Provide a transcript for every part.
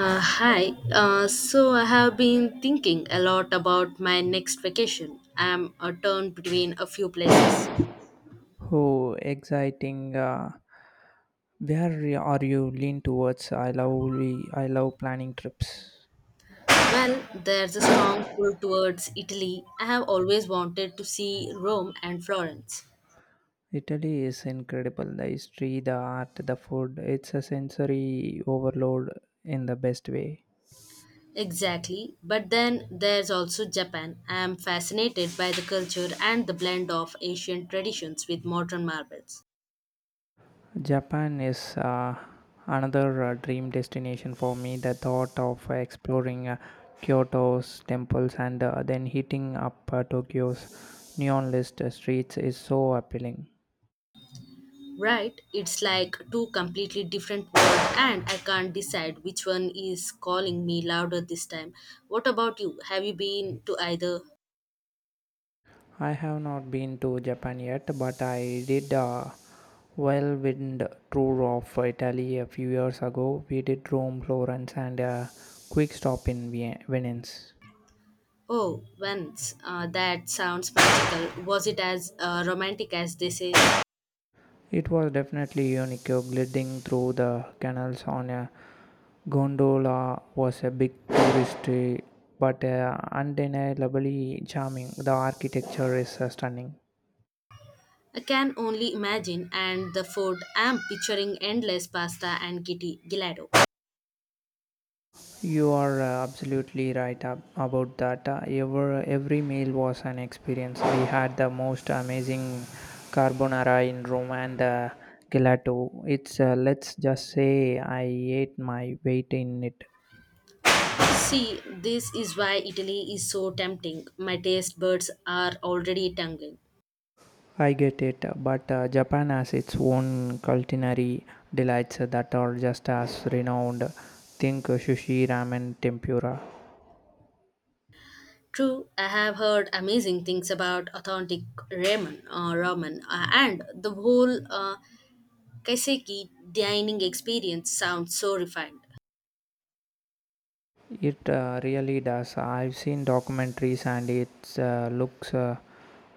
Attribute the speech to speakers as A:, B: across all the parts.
A: Hi. So I have been thinking a lot about my next vacation. I'm a turn between a few places.
B: Oh, exciting. Where are you lean towards? I love planning trips.
A: Well, there's a strong pull towards Italy. I have always wanted to see Rome and Florence.
B: Italy is incredible. The history, the art, the food. It's a sensory overload in the best way.
A: Exactly. But then there's also Japan. I am fascinated by the culture and the blend of ancient traditions with modern marvels.
B: Japan is another dream destination for me. The thought of exploring Kyoto's temples and then hitting up Tokyo's neon lit streets is so appealing.
A: Right? It's like two completely different worlds, and I can't decide which one is calling me louder this time. What about you? Have you been to either?
B: I have not been to Japan yet, but I did a whirlwind tour of Italy a few years ago. We did Rome, Florence, and a quick stop in Venice.
A: Oh, once. That sounds magical. Was it as romantic as they say?
B: It was definitely unique. Gliding through the canals on a gondola was a big touristy, but undeniably charming. The architecture is stunning.
A: I can only imagine. And the food, I'm picturing endless pasta and kitty gelato.
B: You are absolutely right about that. Every meal was an experience. We had the most amazing carbonara in Rome and gelato. It's let's just say I ate my weight in it.
A: See, this is why Italy is so tempting. My taste buds are already tingling.
B: I get it, but Japan has its own culinary delights that are just as renowned. Think sushi, ramen, tempura.
A: True, I have heard amazing things about authentic ramen and the whole kaiseki dining experience sounds so refined.
B: It really does. I've seen documentaries and it looks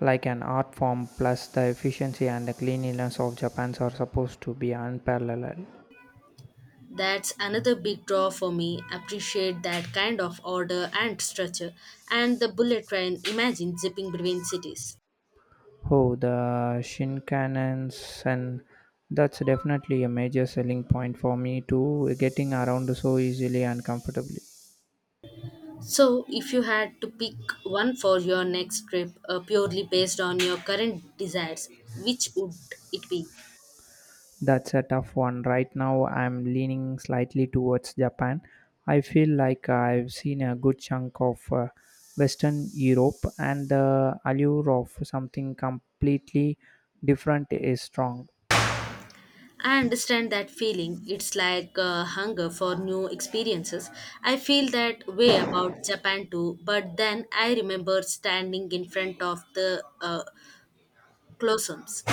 B: like an art form. Plus, the efficiency and the cleanliness of Japan's are supposed to be unparalleled.
A: That's another big draw for me. Appreciate that kind of order and structure, and the bullet train. Imagine zipping between cities.
B: Oh, the Shinkansen. That's definitely a major selling point for me to getting around so easily and comfortably.
A: So, if you had to pick one for your next trip, purely based on your current desires, which would it be?
B: That's a tough one. Right now, I'm leaning slightly towards Japan. I feel like I've seen a good chunk of Western Europe, and the allure of something completely different is strong.
A: I understand that feeling. It's like a hunger for new experiences. I feel that way about Japan too, but then I remember standing in front of the Colosseums.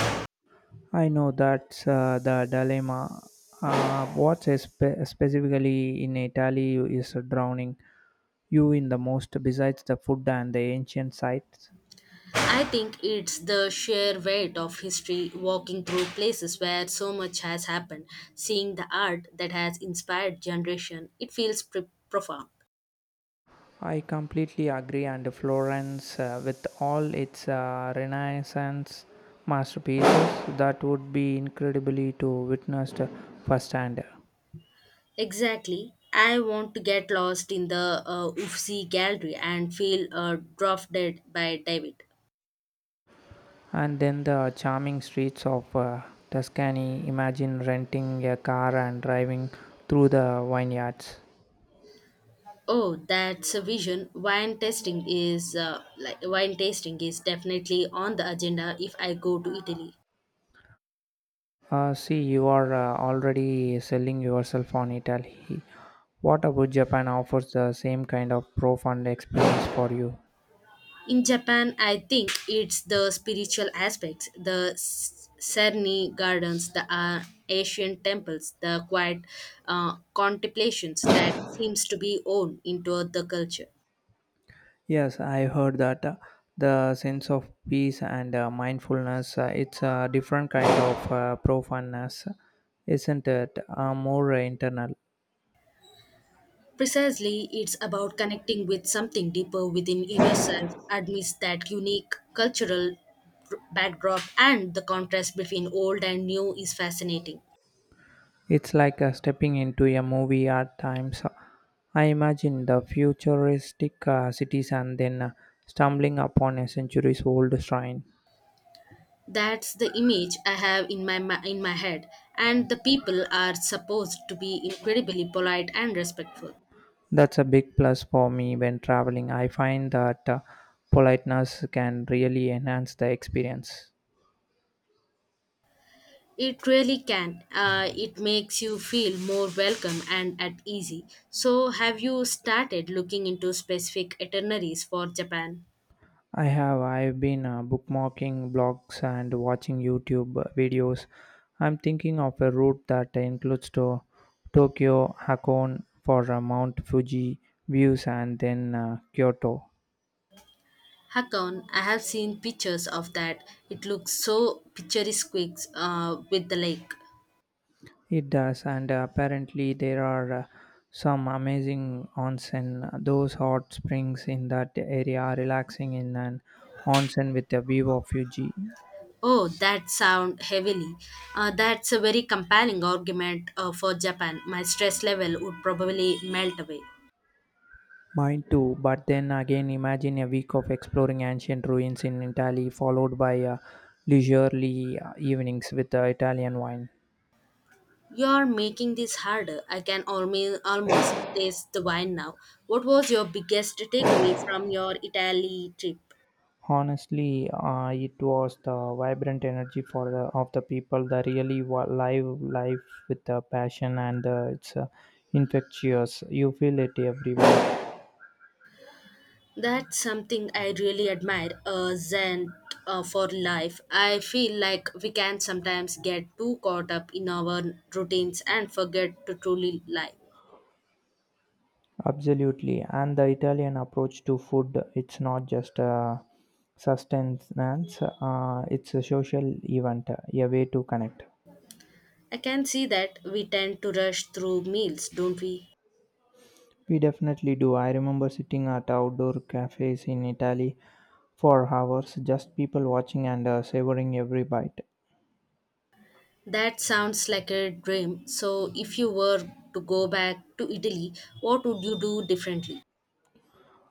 B: I know that's the dilemma. What's specifically in Italy is drowning you in the most besides the food and the ancient sites?
A: I think it's the sheer weight of history, walking through places where so much has happened, seeing the art that has inspired generation. It feels profound.
B: I completely agree, and Florence, with all its Renaissance masterpieces, that would be incredibly to witness the firsthand.
A: Exactly. I want to get lost in the Uffizi gallery and feel drafted by David.
B: And then the charming streets of Tuscany. Imagine renting a car and driving through the vineyards.
A: Oh, that's a vision. Wine tasting is like wine tasting is definitely on the agenda if I go to Italy.
B: See, you are already selling yourself on Italy. What about Japan offers the same kind of profound experience for you?
A: In Japan, I think it's the spiritual aspects, the Serni gardens, the ancient temples, the quiet contemplations that seems to be own into the culture.
B: Yes, I heard that the sense of peace and mindfulness, it's a different kind of profoundness, isn't it? More internal.
A: Precisely, it's about connecting with something deeper within yourself, amidst that unique cultural backdrop, and the contrast between old and new is fascinating.
B: It's like stepping into a movie at times. I imagine the futuristic cities and then stumbling upon a centuries old shrine.
A: That's the image I have in in my head, and the people are supposed to be incredibly polite and respectful.
B: That's a big plus for me when traveling. I find that politeness can really enhance the experience.
A: It really can. It makes you feel more welcome and at easy. So, have you started looking into specific itineraries for Japan?
B: I have. I've been bookmarking blogs and watching YouTube videos. I'm thinking of a route that includes to Tokyo, Hakone for Mount Fuji views, and then Kyoto.
A: Hakon, I have seen pictures of that. It looks so picturesque with the lake.
B: It does, and apparently there are some amazing onsen. Those hot springs in that area are relaxing in an onsen with a view of Fuji.
A: Oh, that sound heavily. That's a very compelling argument for Japan. My stress level would probably melt away.
B: Mine too, but then again, imagine a week of exploring ancient ruins in Italy, followed by leisurely evenings with Italian wine.
A: You're making this harder. I can almost taste the wine now. What was your biggest takeaway from your Italy trip?
B: Honestly, it was the vibrant energy of the people, the really live life with the passion, and it's infectious. You feel it everywhere.
A: That's something I really admire, a zen for life. I feel like we can sometimes get too caught up in our routines and forget to truly live.
B: Absolutely, and the Italian approach to food, it's not just a sustenance; it's a social event, a way to connect.
A: I can see that we tend to rush through meals, don't we?
B: We definitely do. I remember sitting at outdoor cafes in Italy for hours, just people watching and savoring every bite.
A: That sounds like a dream. So, if you were to go back to Italy, what would you do differently?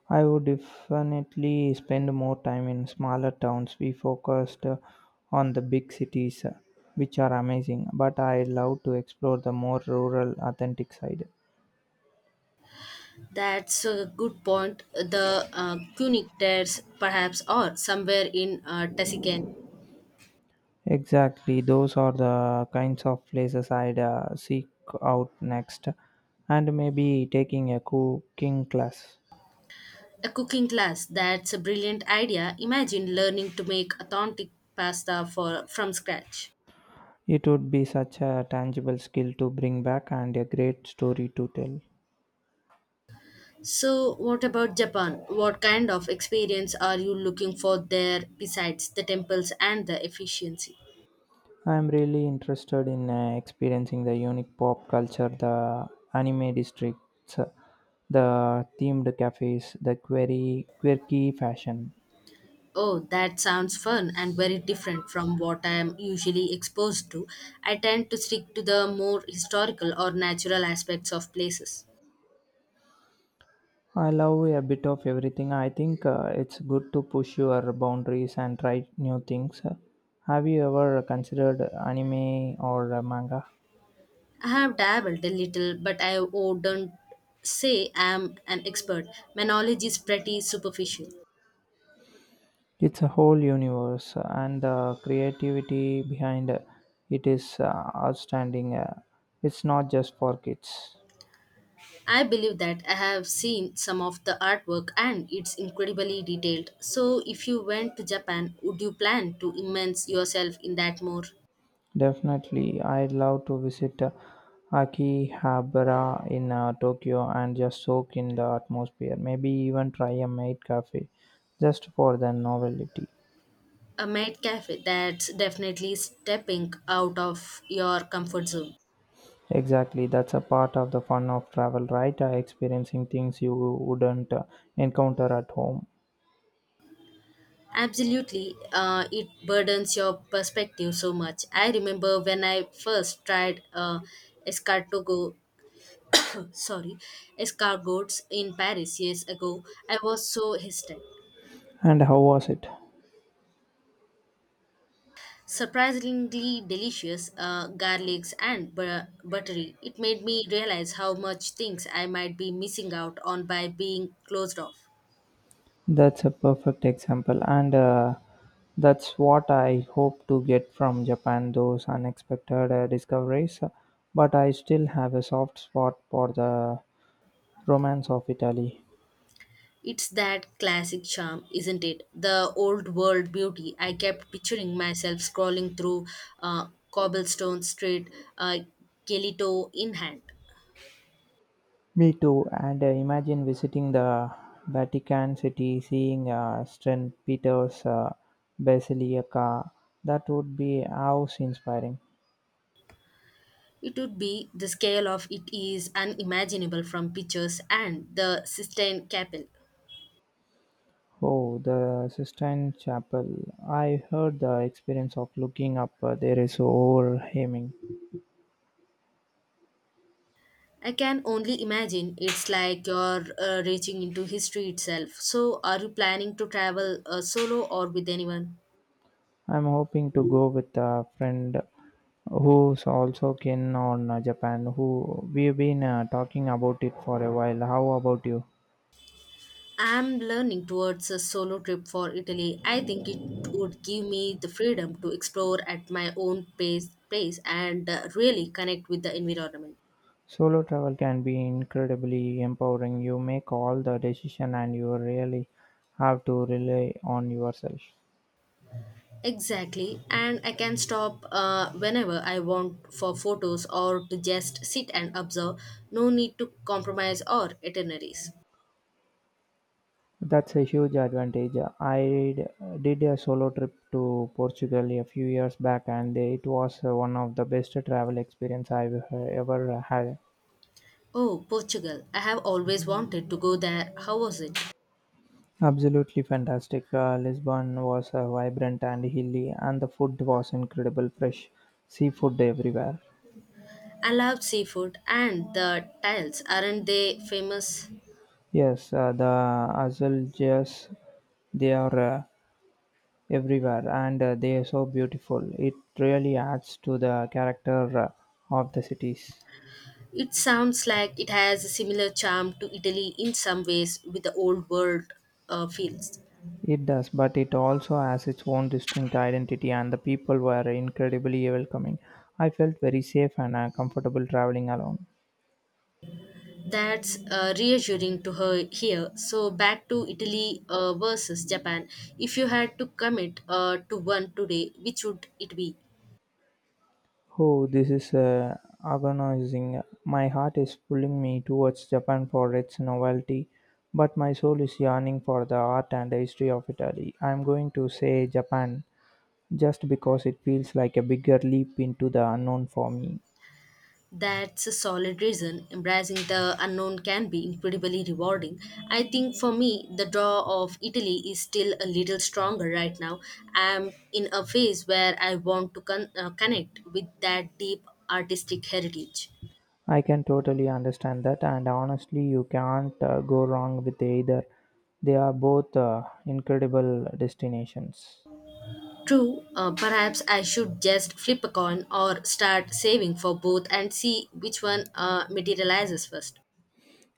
B: I would definitely spend more time in smaller towns. We focused on the big cities, which are amazing, but I love to explore the more rural, authentic side.
A: That's a good point. The Cunic Terres, perhaps, or somewhere in Tuscan.
B: Exactly, those are the kinds of places I'd seek out next, and maybe taking a cooking class.
A: A cooking class, that's a brilliant idea. Imagine learning to make authentic pasta for from scratch.
B: It would be such a tangible skill to bring back and a great story to tell.
A: So, what about Japan? What kind of experience are you looking for there besides the temples and the efficiency?
B: I'm really interested in experiencing the unique pop culture, the anime districts, the themed cafes, the query, quirky fashion.
A: Oh, that sounds fun and very different from what I am usually exposed to. I tend to stick to the more historical or natural aspects of places.
B: I love a bit of everything. I think it's good to push your boundaries and try new things. Have you ever considered anime or manga?
A: I have dabbled a little, but I wouldn't say I am an expert. My knowledge is pretty superficial.
B: It's a whole universe, and the creativity behind it is outstanding. It's not just for kids.
A: I believe that I have seen some of the artwork and it's incredibly detailed. So, if you went to Japan, would you plan to immerse yourself in that more?
B: Definitely, I'd love to visit Akihabara in Tokyo and just soak in the atmosphere. Maybe even try a maid cafe just for the novelty.
A: A maid cafe that's definitely stepping out of your comfort zone.
B: Exactly, that's a part of the fun of travel, right? Experiencing things you wouldn't encounter at home.
A: Absolutely, it burdens your perspective so much. I remember when I first tried escartogo sorry, escargots in Paris years ago, I was so hesitant.
B: And how was it?
A: Surprisingly delicious, garlics and buttery. It made me realize how much things I might be missing out on by being closed off.
B: That's a perfect example, and that's what I hope to get from Japan, those unexpected discoveries. But I still have a soft spot for the romance of Italy.
A: It's that classic charm, isn't it? The old world beauty. I kept picturing myself scrolling through uh, cobblestone street, uh, Gelito in hand.
B: Me too, and imagine visiting the Vatican City, seeing St. Peter's Basilica. That would be house inspiring.
A: It would be the scale of it is unimaginable from pictures and the Sistine Chapel.
B: Oh, the Sistine Chapel. I heard the experience of looking up there is overwhelming.
A: I can only imagine it's like you're reaching into history itself. So, are you planning to travel solo or with anyone?
B: I'm hoping to go with a friend who's also keen on Japan, who we've been talking about it for a while. How about you?
A: I'm learning towards a solo trip for Italy. I think it would give me the freedom to explore at my own pace and really connect with the environment.
B: Solo travel can be incredibly empowering. You make all the decision and you really have to rely on yourself.
A: Exactly, and I can stop whenever I want for photos or to just sit and observe. No need to compromise or itineraries.
B: That's a huge advantage. I d- did a solo trip to Portugal a few years back, and it was one of the best travel experience I've ever had.
A: Oh, Portugal. I have always wanted to go there. How was it?
B: Absolutely fantastic. Lisbon was vibrant and hilly, and the food was incredible, fresh seafood everywhere.
A: I loved seafood and the tiles. Aren't they famous?
B: Yes, the azulejos, they are everywhere and they are so beautiful. It really adds to the character of the cities.
A: It sounds like it has a similar charm to Italy in some ways with the old world feels.
B: It does, but it also has its own distinct identity, and the people were incredibly welcoming. I felt very safe and comfortable traveling alone.
A: That's reassuring to her here. So back to Italy versus Japan. If you had to commit to one today, which would it be?
B: Oh, this is agonizing. My heart is pulling me towards Japan for its novelty, but my soul is yearning for the art and the history of Italy. I'm going to say Japan just because it feels like a bigger leap into the unknown for me.
A: That's a solid reason. Embracing the unknown can be incredibly rewarding. I think for me, the draw of Italy is still a little stronger right now. I'm in a phase where I want to connect with that deep artistic heritage.
B: I can totally understand that, and honestly, you can't go wrong with either. They are both incredible destinations.
A: True, perhaps I should just flip a coin or start saving for both and see which one materializes first.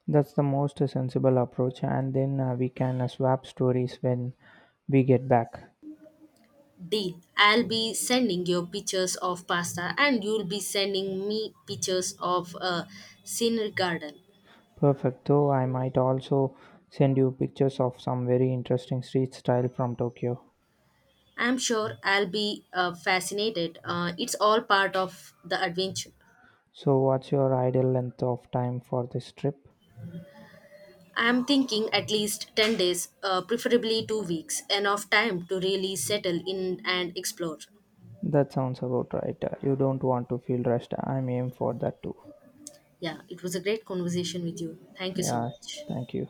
B: That's the most sensible approach, and then we can swap stories when we get back.
A: Deal. I'll be sending you pictures of pasta and you'll be sending me pictures of a scenery garden.
B: Perfect, though, I might also send you pictures of some very interesting street style from Tokyo.
A: I'm sure I'll be fascinated. It's all part of the adventure.
B: So, what's your ideal length of time for this trip?
A: I'm thinking at least 10 days, preferably 2 weeks, enough time to really settle in and explore.
B: That sounds about right. You don't want to feel rushed. I'm aiming for that too.
A: Yeah, it was a great conversation with you. Thank you so
B: Yeah,
A: much.
B: thank you.